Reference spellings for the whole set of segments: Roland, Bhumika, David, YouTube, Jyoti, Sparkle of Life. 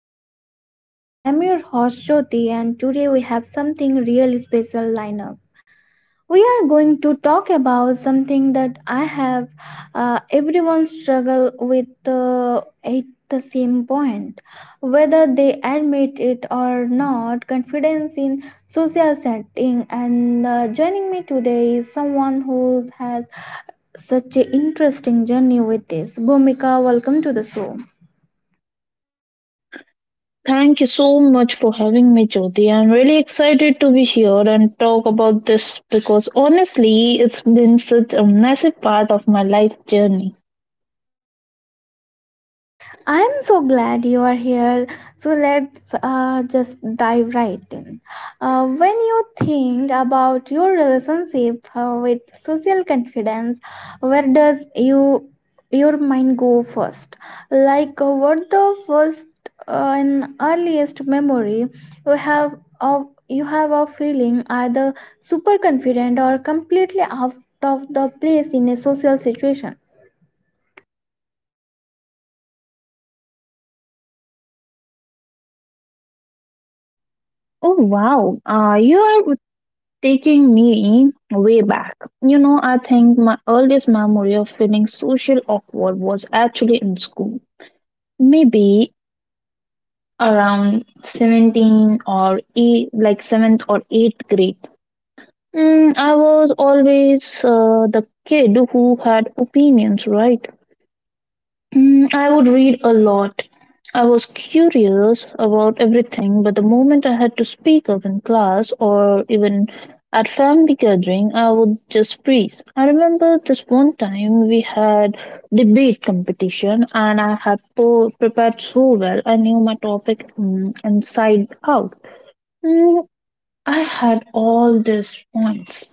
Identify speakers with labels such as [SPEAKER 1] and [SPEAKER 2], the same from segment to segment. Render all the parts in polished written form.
[SPEAKER 1] Life, everyone. I am your host Jyoti, and today we have something really special lineup. We are going to talk about something that I have everyone struggle with at the same point, whether they admit it or not. Confidence in social setting, and joining me today is someone who has such an interesting journey with this. Bhumika, welcome to the show.
[SPEAKER 2] Thank you so much for having me, Jyoti. I'm really excited to be here and talk about this because honestly, it's been such a massive part of my life journey.
[SPEAKER 1] I'm so glad you are here. So let's just dive right in. When you think about your relationship with social confidence, where does you your mind go first? Like what the first and earliest memory you have of feeling either super confident or completely out of the place in a social situation.
[SPEAKER 2] Oh, wow. You are taking me way back. You know, I think my earliest memory of feeling social awkward was actually in school. Maybe around 17 or eight, like 7th or 8th grade. I was always the kid who had opinions, right? I would read a lot. I was curious about everything, but the moment I had to speak up in class or even at family gathering, I would just freeze. I remember this one time we had debate competition, and I had prepared so well. I knew my topic inside out. Mm, I had all these points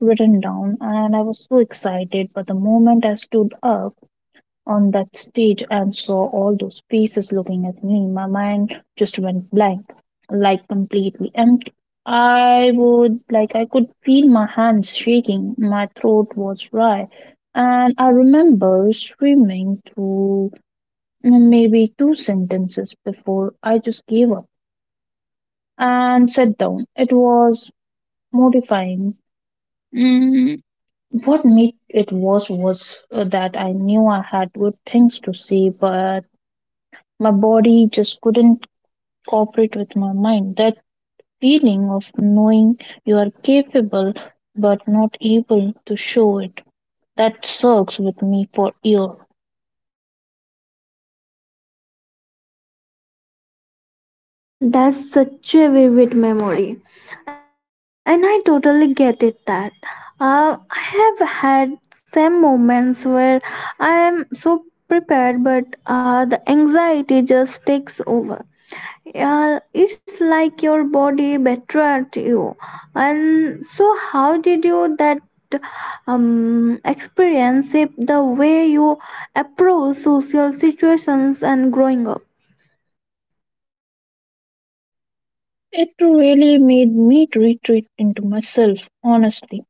[SPEAKER 2] written down, and I was so excited. But the moment I stood up on that stage and saw all those faces looking at me, my mind just went blank, like completely empty. I would like I could feel my hands shaking, my throat was dry, and I remember screaming through maybe two sentences before I just gave up and sat down. It was mortifying. Mm, What made it worse was that I knew I had good things to see, but my body just couldn't cooperate with my mind. That feeling of knowing you are capable but not able to show it, that sucks with me for years.
[SPEAKER 1] That's such a vivid memory, and I totally get it. That I have had some moments where I am so prepared, but the anxiety just takes over. It's like your body betrayed you. And so, how did you that experience it the way you approach social situations and growing up?
[SPEAKER 2] It really made me retreat into myself, honestly.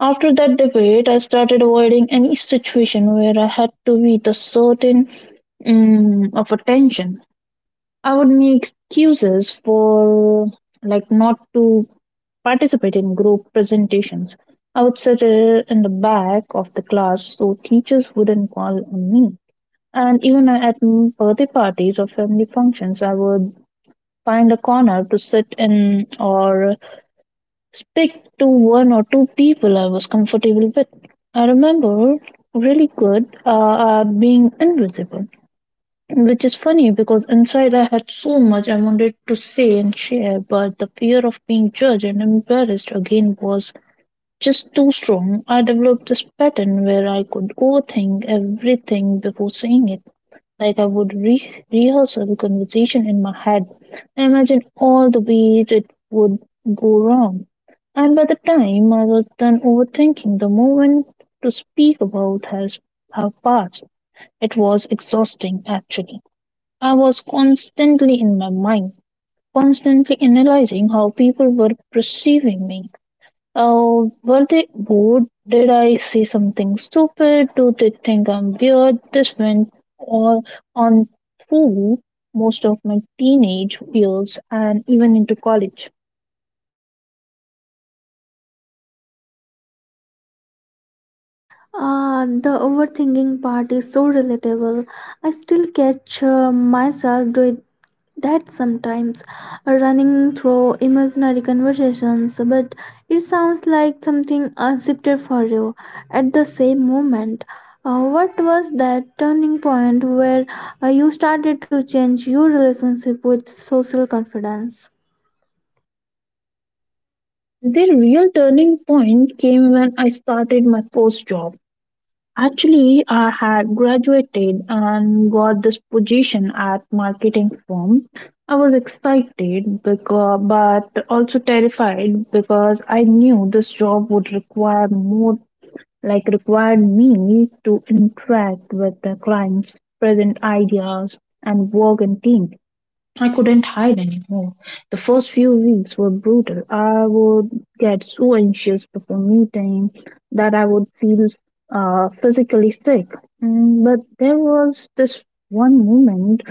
[SPEAKER 2] After that debate, I started avoiding any situation where I had to be the certain of attention. I would make excuses for like not to participate in group presentations. I would sit in the back of the class so teachers wouldn't call on me. And even at birthday parties or family functions, I would find a corner to sit in or stick to one or two people I was comfortable with. I remember really good at being invisible. Which is funny because inside I had so much I wanted to say and share, but the fear of being judged and embarrassed again was just too strong. I developed this pattern where I could overthink everything before saying it. Like I would rehearse the conversation in my head, imagine all the ways it would go wrong. And by the time I was done overthinking, the moment to speak about have passed. It was exhausting actually. I was constantly in my mind, constantly analyzing how people were perceiving me. Oh, were they bored? Did I say something stupid? Do they think I'm weird? This went all on through most of my teenage years and even into college.
[SPEAKER 1] Ah, the overthinking part is so relatable. I still catch myself doing that sometimes, running through imaginary conversations, but it sounds like something for you at the same moment. What was that turning point where you started to change your relationship with social confidence?
[SPEAKER 2] The real turning point came when I started my first job. Actually, I had graduated and got this position at marketing firm. I was excited because, but also terrified because I knew this job would require more, like required me to interact with the clients, present ideas, and work in teams. I couldn't hide anymore. The first few weeks were brutal. I would get so anxious before meeting that I would feel physically sick. But there was this one moment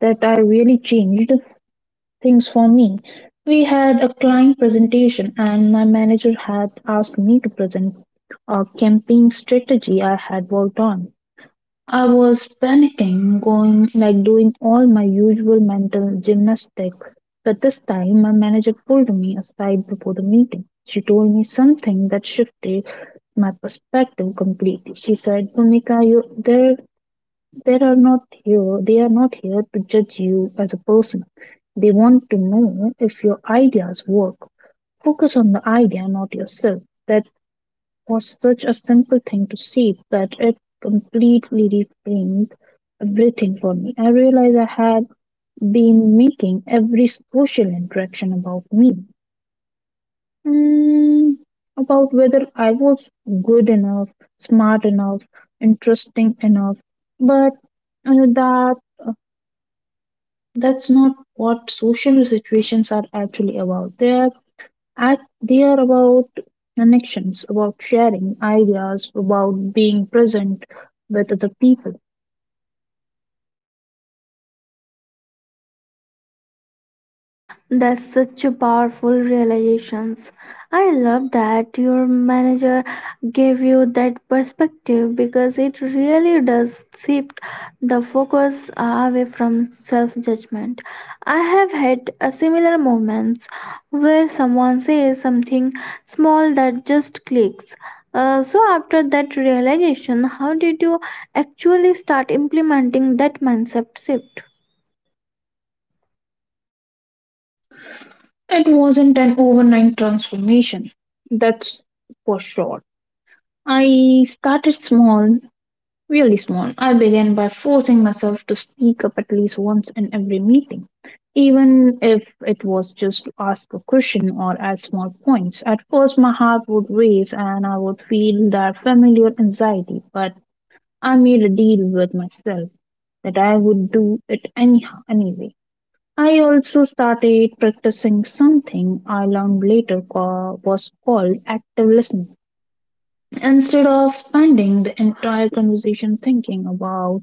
[SPEAKER 2] that I really changed things for me. We had a client presentation, and my manager had asked me to present a campaign strategy I had worked on. I was panicking, going like doing all my usual mental gymnastics, but this time my manager pulled me aside before the meeting. She told me something that shifted my perspective completely. She said, "Bhumika, you there there are not here they are not here to judge you as a person. They want to know if your ideas work. Focus on the idea, not yourself." That was such a simple thing to see that it completely reframed everything for me. I realized I had been making every social interaction about me. Mm, about whether I was good enough, smart enough, interesting enough. But uh, that that's not what social situations are actually about. They are about connections, about sharing ideas, about being present with other people.
[SPEAKER 1] That's such a powerful realizations. I love that your manager gave you that perspective because it really does shift the focus away from self-judgment. I have had a similar moments where someone says something small that just clicks. So after that realization, how did you actually start implementing that mindset shift?
[SPEAKER 2] It wasn't an overnight transformation, that's for sure. I started small, really small. I began by forcing myself to speak up at least once in every meeting, even if it was just to ask a question or add small points. At first, my heart would race and I would feel that familiar anxiety, but I made a deal with myself that I would do it anyhow anyway. I also started practicing something I learned later was called active listening. Instead of spending the entire conversation thinking about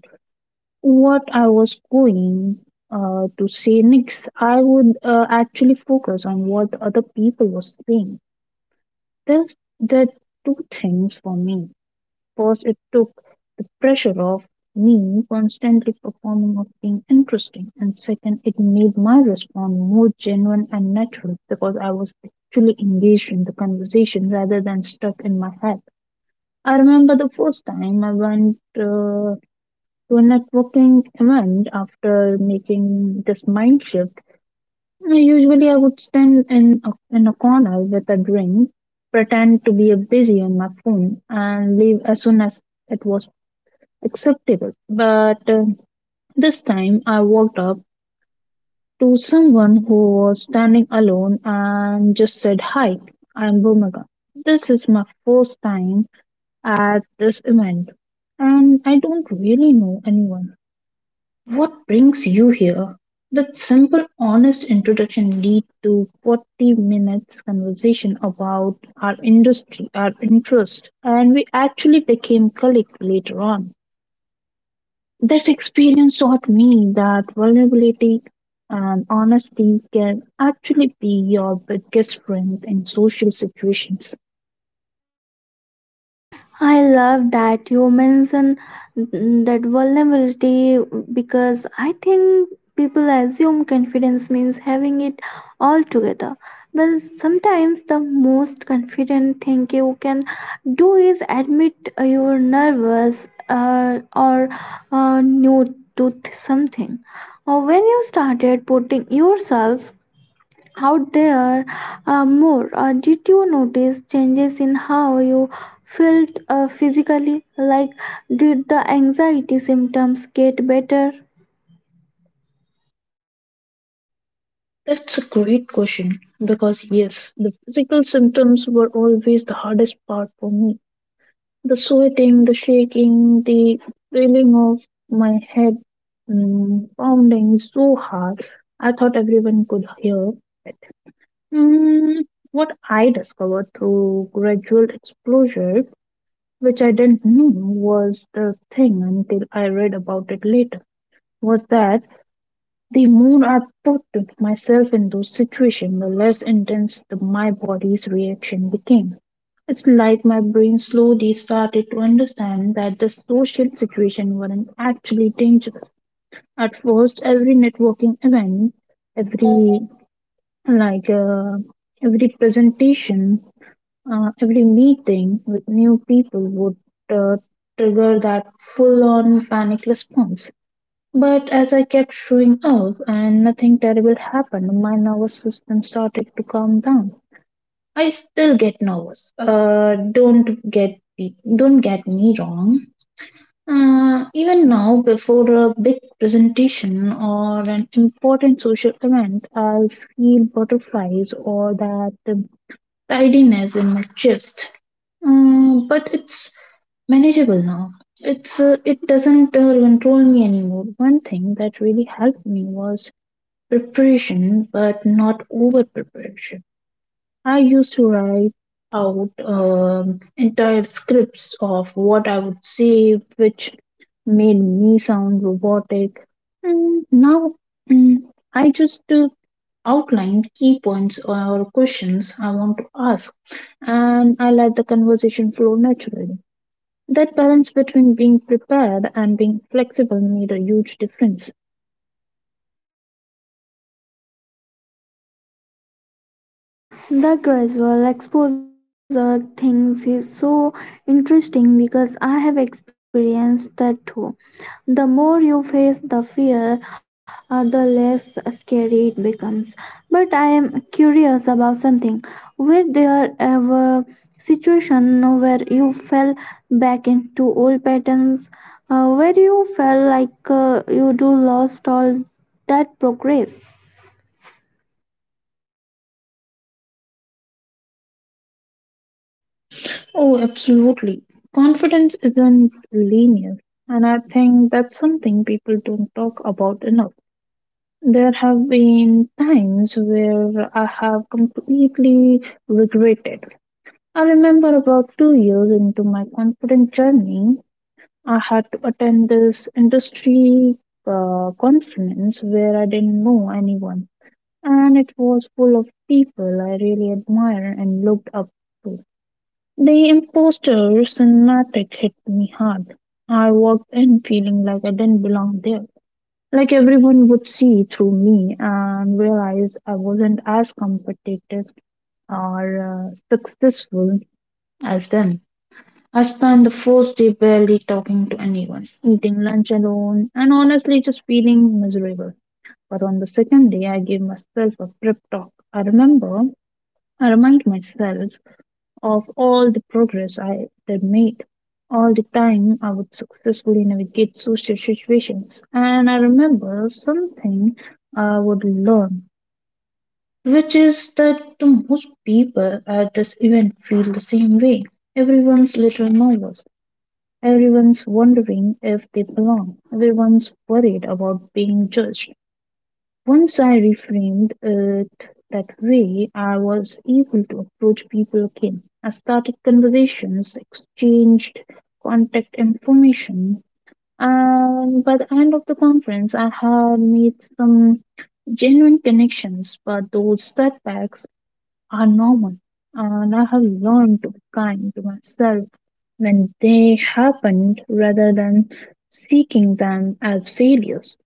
[SPEAKER 2] what I was going to say next, I would actually focus on what other people were saying. This did two things for me. First, it took the pressure off me constantly performing of being interesting, and second, it made my response more genuine and natural because I was actually engaged in the conversation rather than stuck in my head. I remember the first time I went to a networking event after making this mind shift. Now, usually, I would stand in a corner with a drink, pretend to be busy on my phone, and leave as soon as it was acceptable. But this time I walked up to someone who was standing alone and just said, "Hi, I'm Bhumika. This is my first time at this event and I don't really know anyone. What brings you here?" That simple, honest introduction lead to 40 minutes conversation about our industry, our interest, and we actually became colleagues later on. That experience taught me that vulnerability and honesty can actually be your biggest strength in social situations.
[SPEAKER 1] I love that you mention that vulnerability because I think people assume confidence means having it all together. But sometimes the most confident thing you can do is admit you're nervous or new to something. Or when you started putting yourself out there more. Did you notice changes in how you felt physically? Like, did the anxiety symptoms get better?
[SPEAKER 2] That's a great question because, yes, the physical symptoms were always the hardest part for me. The sweating, the shaking, the feeling of my head pounding so hard, I thought everyone could hear it. Mm, what I discovered through gradual exposure, which I didn't know was the thing until I read about it later, was that the more I put myself in those situations, the less intense my body's reaction became. It's like my brain slowly started to understand that the social situation weren't actually dangerous. At first, every networking event, every like uh, every presentation, every meeting with new people would uh, trigger that full on panic response. But as I kept showing up and nothing terrible happened, my nervous system started to calm down. I still get nervous. Don't get me wrong. Even now, before a big presentation or an important social event, I feel butterflies or that tidiness in my chest. But it's manageable now. It's it doesn't control me anymore. One thing that really helped me was preparation, but not over preparation. I used to write out entire scripts of what I would say, which made me sound robotic. And now mm, I just outline key points or questions I want to ask, and I let the conversation flow naturally. That balance between being prepared and being flexible made a huge difference.
[SPEAKER 1] The gradual exposure things is so interesting because I have experienced that too. The more you face the fear, the less scary it becomes, but I am curious about something. Were there ever situation where you fell back into old patterns, where you felt like you do lost all that progress?
[SPEAKER 2] Oh, absolutely. Confidence isn't linear, and I think that's something people don't talk about enough. There have been times where I have completely regretted. I remember about 2 years into my confident journey, I had to attend this industry conference where I didn't know anyone, and it was full of people I really admire and looked up to. The imposter cinematic hit me hard. I walked in feeling like I didn't belong there, like everyone would see through me and realize I wasn't as competitive or successful as them. I spent the first day barely talking to anyone, eating lunch alone, and honestly just feeling miserable. But on the second day, I gave myself a prep talk. I remember, I remind myself of all the progress I had made, all the time I would successfully navigate social situations, and I remember something I would learn, which is that the most people at this event feel the same way. Everyone's little nervous. Everyone's wondering if they belong. Everyone's worried about being judged. Once I reframed it that way, I was able to approach people again. I started conversations, exchanged contact information, and by the end of the conference, I had made some genuine connections, but those setbacks are normal, and I have learned to be kind to myself when they happened rather than seeking them as failures.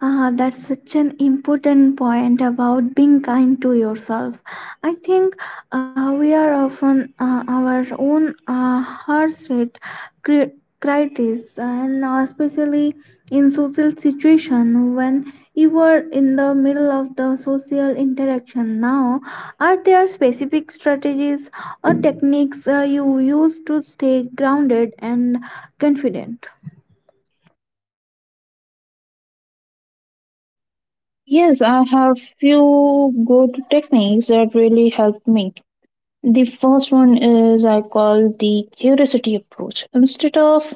[SPEAKER 1] Ah, that's such an important point about being kind to yourself. I think we are often our own harsh cri- critics, and especially in social situation when you were in the middle of the social interaction. Now, are there specific strategies or techniques you use to stay grounded and confident?
[SPEAKER 2] Yes, I have few good techniques that really helped me. The first one is I call the curiosity approach. Instead of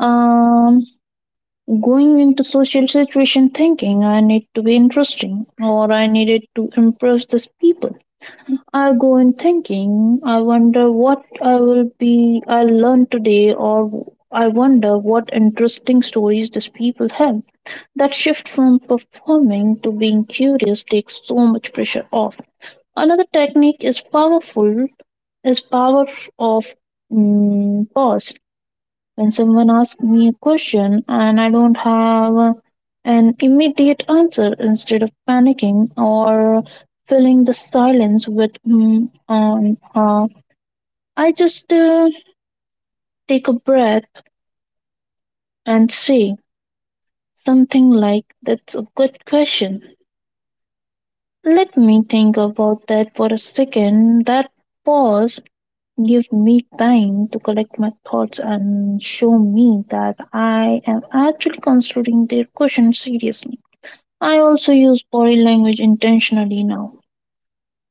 [SPEAKER 2] um, going into social situation thinking I need to be interesting or I needed to impress these people. I go in thinking, I wonder what I will be I'll learn today or I wonder what interesting stories these people have. That shift from performing to being curious takes so much pressure off. Another technique is powerful is power of pause. When someone asks me a question and I don't have an immediate answer, instead of panicking or filling the silence with mm on I just take a breath and say something like, "That's a good question. Let me think about that for a second." That pause gives me time to collect my thoughts and show me that I am actually considering their question seriously. I also use body language intentionally now.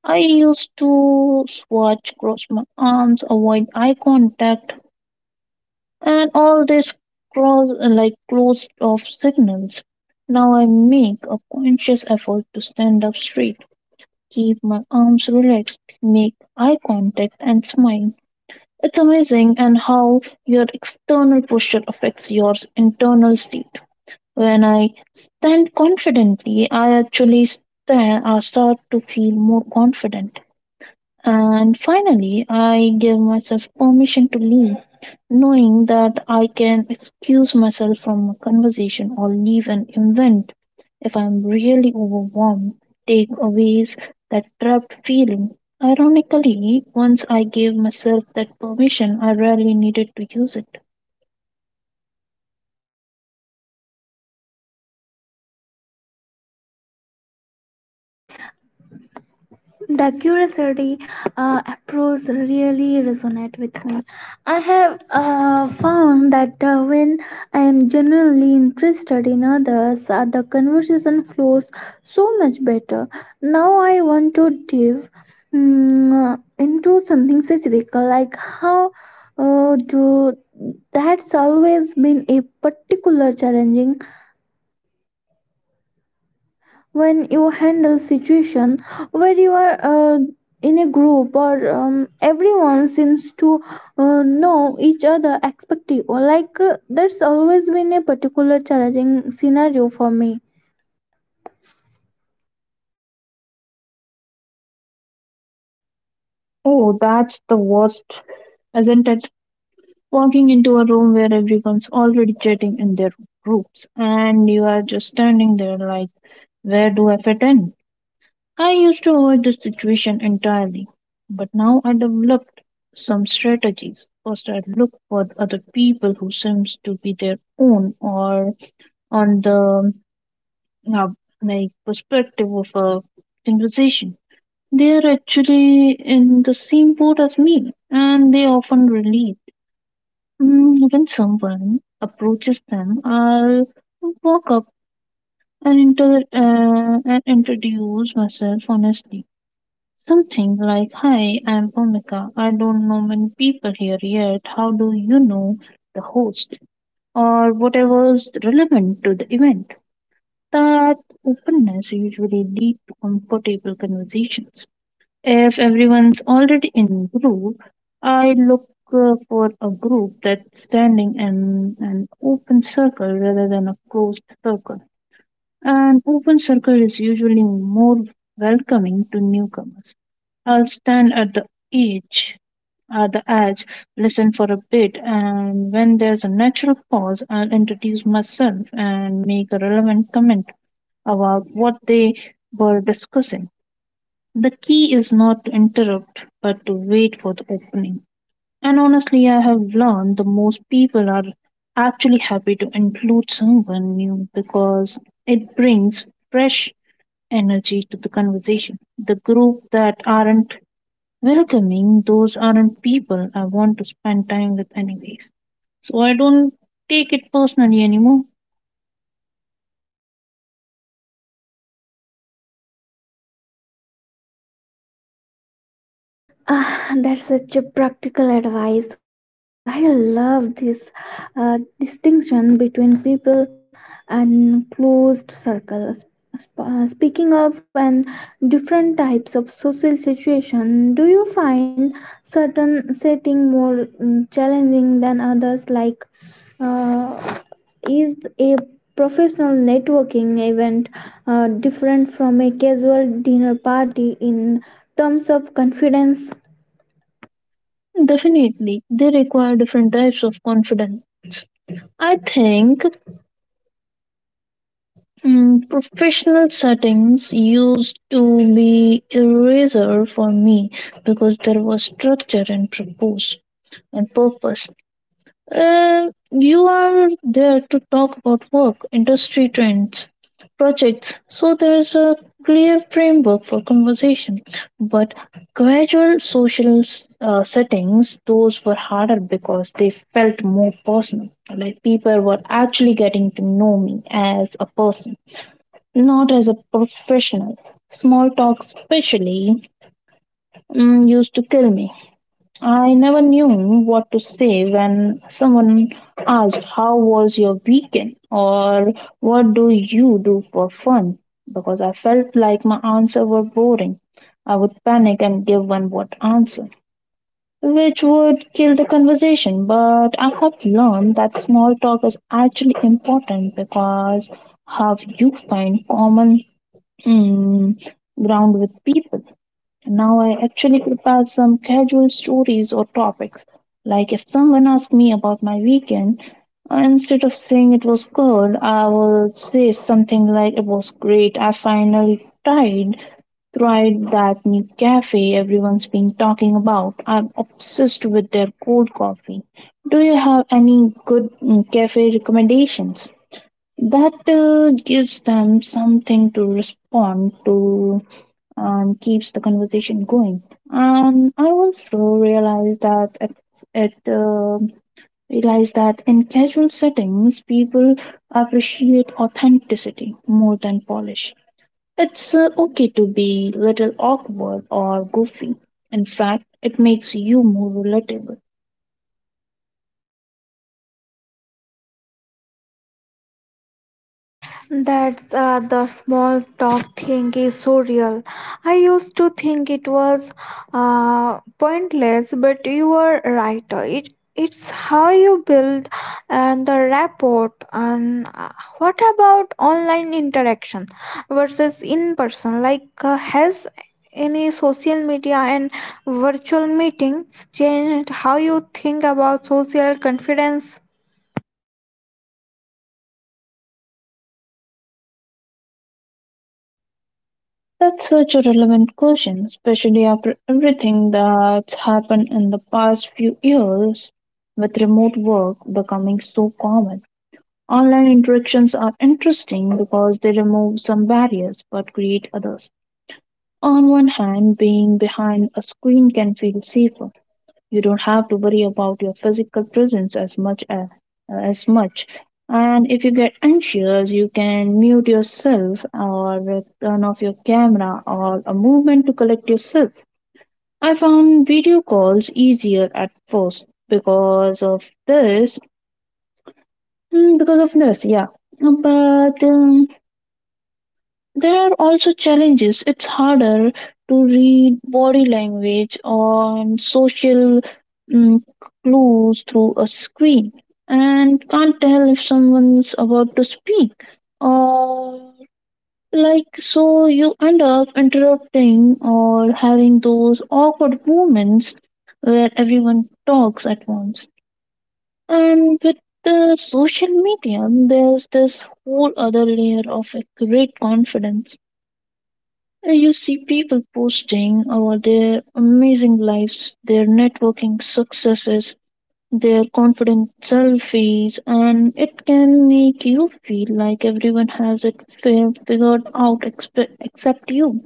[SPEAKER 2] I used to swatch, cross my arms, avoid eye contact, and all this cross like closed off signals. Now I make a conscious effort to stand up straight, keep my arms relaxed, make eye contact, and smile. It's amazing and how your external posture affects your internal state. When I stand confidently, I actually start to feel more confident. And finally, I give myself permission to leave, knowing that I can excuse myself from a conversation or leave an event if I'm really overwhelmed, take away that trapped feeling. Ironically, once I gave myself that permission, I rarely needed to use it.
[SPEAKER 1] The curiosity approach really resonate with me. I have found that when I am genuinely interested in others, the conversation flows so much better. Now I want to dive into something specific, like how do that's always been a particular challenging when you handle situation where you are in a group or everyone seems to know each other expective or like there's always been a particular challenging scenario for me.
[SPEAKER 2] Oh, that's the worst, isn't it? Walking into a room where everyone's already chatting in their groups and you are just standing there like, where do I fit in? I used to avoid this situation entirely, but now I developed some strategies. First, I look for other people who seems to be their own or on the uh, like perspective of a conversation. They are actually in the same boat as me, and they often relate. Mm, when someone approaches them, I'll walk up and, and introduce myself honestly. Something like, "Hi, I'm Bhumika. I don't know many people here yet. How do you know the host?" Or whatever's relevant to the event. That openness usually leads to comfortable conversations. If everyone's already in group, I look for a group that's standing in an open circle rather than a closed circle. An open circle is usually more welcoming to newcomers. I'll stand at edge, the edge, listen for a bit, and when there's a natural pause, I'll introduce myself and make a relevant comment about what they were discussing. The key is not to interrupt, but to wait for the opening. And honestly, I have learned the most people are actually happy to include someone new because it brings fresh energy to the conversation. The group that aren't welcoming, those aren't people I want to spend time with, anyways. So I don't take it personally anymore.
[SPEAKER 1] Ah, that's such a practical advice. I love this distinction between people and closed circles. Speaking of and different types of social situation, do you find certain setting more challenging than others? Like, uh, is a professional networking event different from a casual dinner party in terms of confidence?
[SPEAKER 2] Definitely, they require different types of confidence. I think, mm, professional settings used to be eraser for me because there was structure and purpose. You are there to talk about work, industry trends, projects, so there is a clear framework for conversation. But gradual social settings, those were harder because they felt more personal. Like people were actually getting to know me as a person. Not as a professional. Small talk, especially, used to kill me. I never knew what to say when someone asked, "How was your weekend?" or "What do you do for fun?" because I felt like my answers were boring. I would panic and give one word answer, which would kill the conversation. But I have learned that small talk is actually important because how you find common, mm, ground with people. Now I actually prepare some casual stories or topics. Like if someone asks me about my weekend, instead of saying it was good, I will say something like it was great. I finally tried that new cafe everyone's been talking about. I'm obsessed with their cold coffee. Do you have any good, cafe recommendations? That gives them something to respond to and keeps the conversation going. And I also it uh, realized that in casual settings, people appreciate authenticity more than polish. It's okay to be little awkward or goofy. In fact, it makes you more relatable.
[SPEAKER 1] That's The small talk thing is so real. I used to think it was pointless, but you were right. It's how you build the rapport. And what about online interaction versus in person? Like, has any social media and virtual meetings changed how you think about social confidence?
[SPEAKER 2] That's such a relevant question, especially after everything that's happened in the past few years, with remote work becoming so common. Online interactions are interesting because they remove some barriers but create others. On one hand, being behind a screen can feel safer. You don't have to worry about your physical presence as much. And if you get anxious, you can mute yourself or turn off your camera or a movement to collect yourself. I found video calls easier at first because of this, yeah. But there are also challenges. It's harder to read body language and social, mm, clues through a screen and can't tell if someone's about to speak or like so you end up interrupting or having those awkward moments where everyone talks at once. And with the social media there's this whole other layer of accurate confidence. You see people posting their amazing lives, their networking successes, their confident selfies, and it can make you feel like everyone has it figured out except you.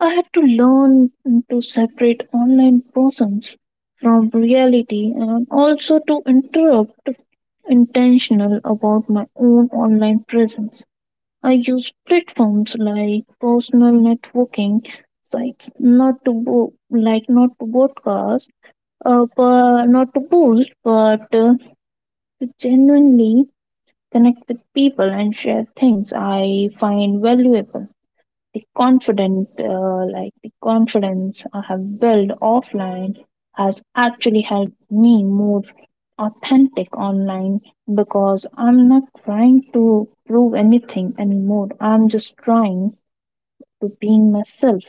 [SPEAKER 2] I had to learn to separate online persons from reality and also to interrupt intentional about my own online presence. I use platforms like personal networking sites, not to broadcast, but not to boost, but to genuinely connect with people and share things I find valuable. The confident, like the confidence I have built offline, has actually helped me more authentic online because I'm not trying to prove anything anymore. I'm just trying to being myself.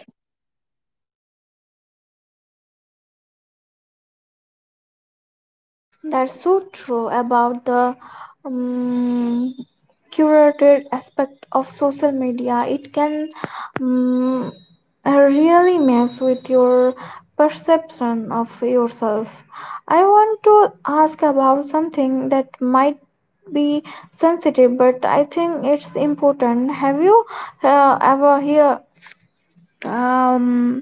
[SPEAKER 1] That's so true about the um, curated aspect of social media. It can um, really mess with your perception of yourself. I want to ask about something that might be sensitive, but I think it's important. Have you ever hear um,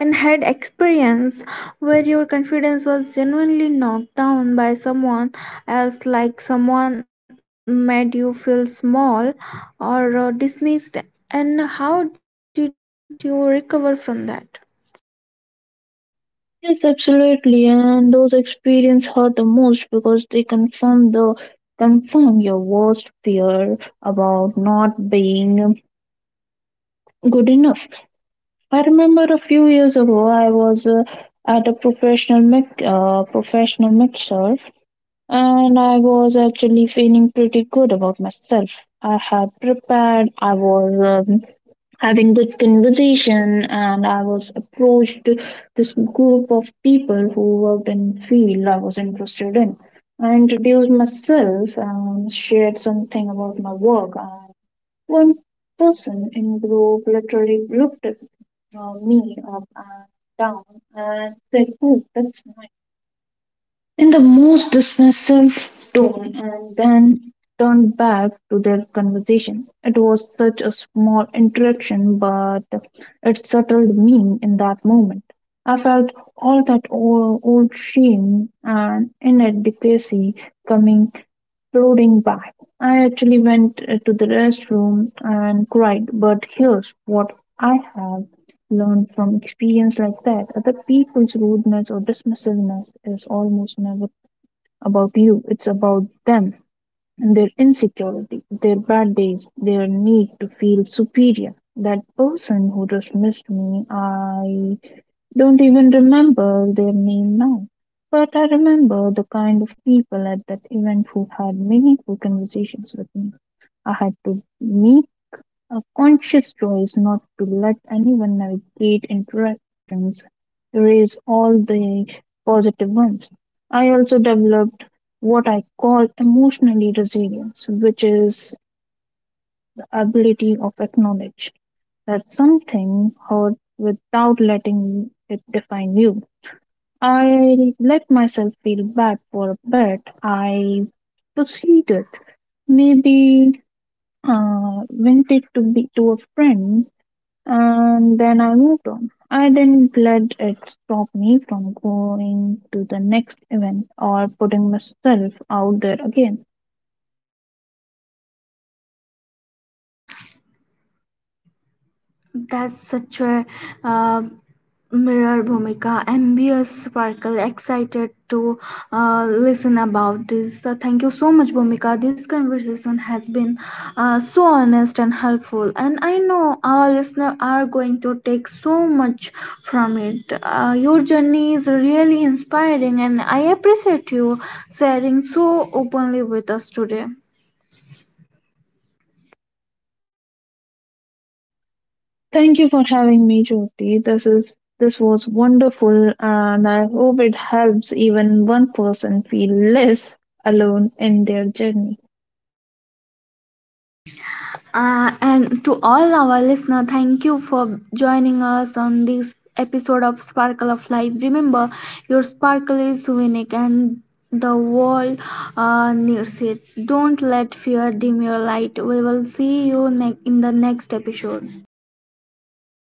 [SPEAKER 1] and had experience where your confidence was genuinely knocked down by someone else, like someone made you feel small or dismissed? And how did you recover from that?
[SPEAKER 2] Yes, absolutely. And those experiences hurt the most because they confirm your worst fear about not being good enough. I remember a few years ago, I was at a professional professional mixer, and I was actually feeling pretty good about myself. I had prepared. I was. Having good conversation and I was approached to this group of people who worked in field I was interested in. I introduced myself and shared something about my work, and one person in group literally looked at, me up and down and said, "Oh, that's nice," in the most dismissive tone, and then turned back to their conversation. It was such a small interaction, but it settled me in that moment. I felt all that old shame and inadequacy coming flooding back. I actually went, to the restroom and cried, but here's what I have learned from experience like that. Other people's rudeness or dismissiveness is almost never about you, it's about them, and their insecurity, their bad days, their need to feel superior. That person who dismissed me, I don't even remember their name now. But I remember the kind of people at that event who had meaningful conversations with me. I had to meet a conscious choice not to let anyone navigate interactions erase all the positive ones. I also developed what I call emotionally resilience, which is the ability of acknowledge that something hurt without letting it define you. I let myself feel bad for a bit. I proceeded. Maybe went to be to a friend. And then I moved on. I didn't let it stop me from going to the next event or putting myself out there again.
[SPEAKER 1] That's such a uh, mirror Bhumika, ambitious, sparkle, excited to listen about this. Thank you so much, Bhumika. This conversation has been so honest and helpful, and I know our listeners are going to take so much from it. Your journey is really inspiring, and I appreciate you sharing so openly with us today.
[SPEAKER 2] Thank you for having me, Jyoti. This was wonderful, and I hope it helps even one person feel less alone in their journey.
[SPEAKER 1] And to all our listener, thank you for joining us on this episode of Sparkle of Life. Remember, your sparkle is unique and the world needs it. Don't let fear dim your light. We will see you in the next episode.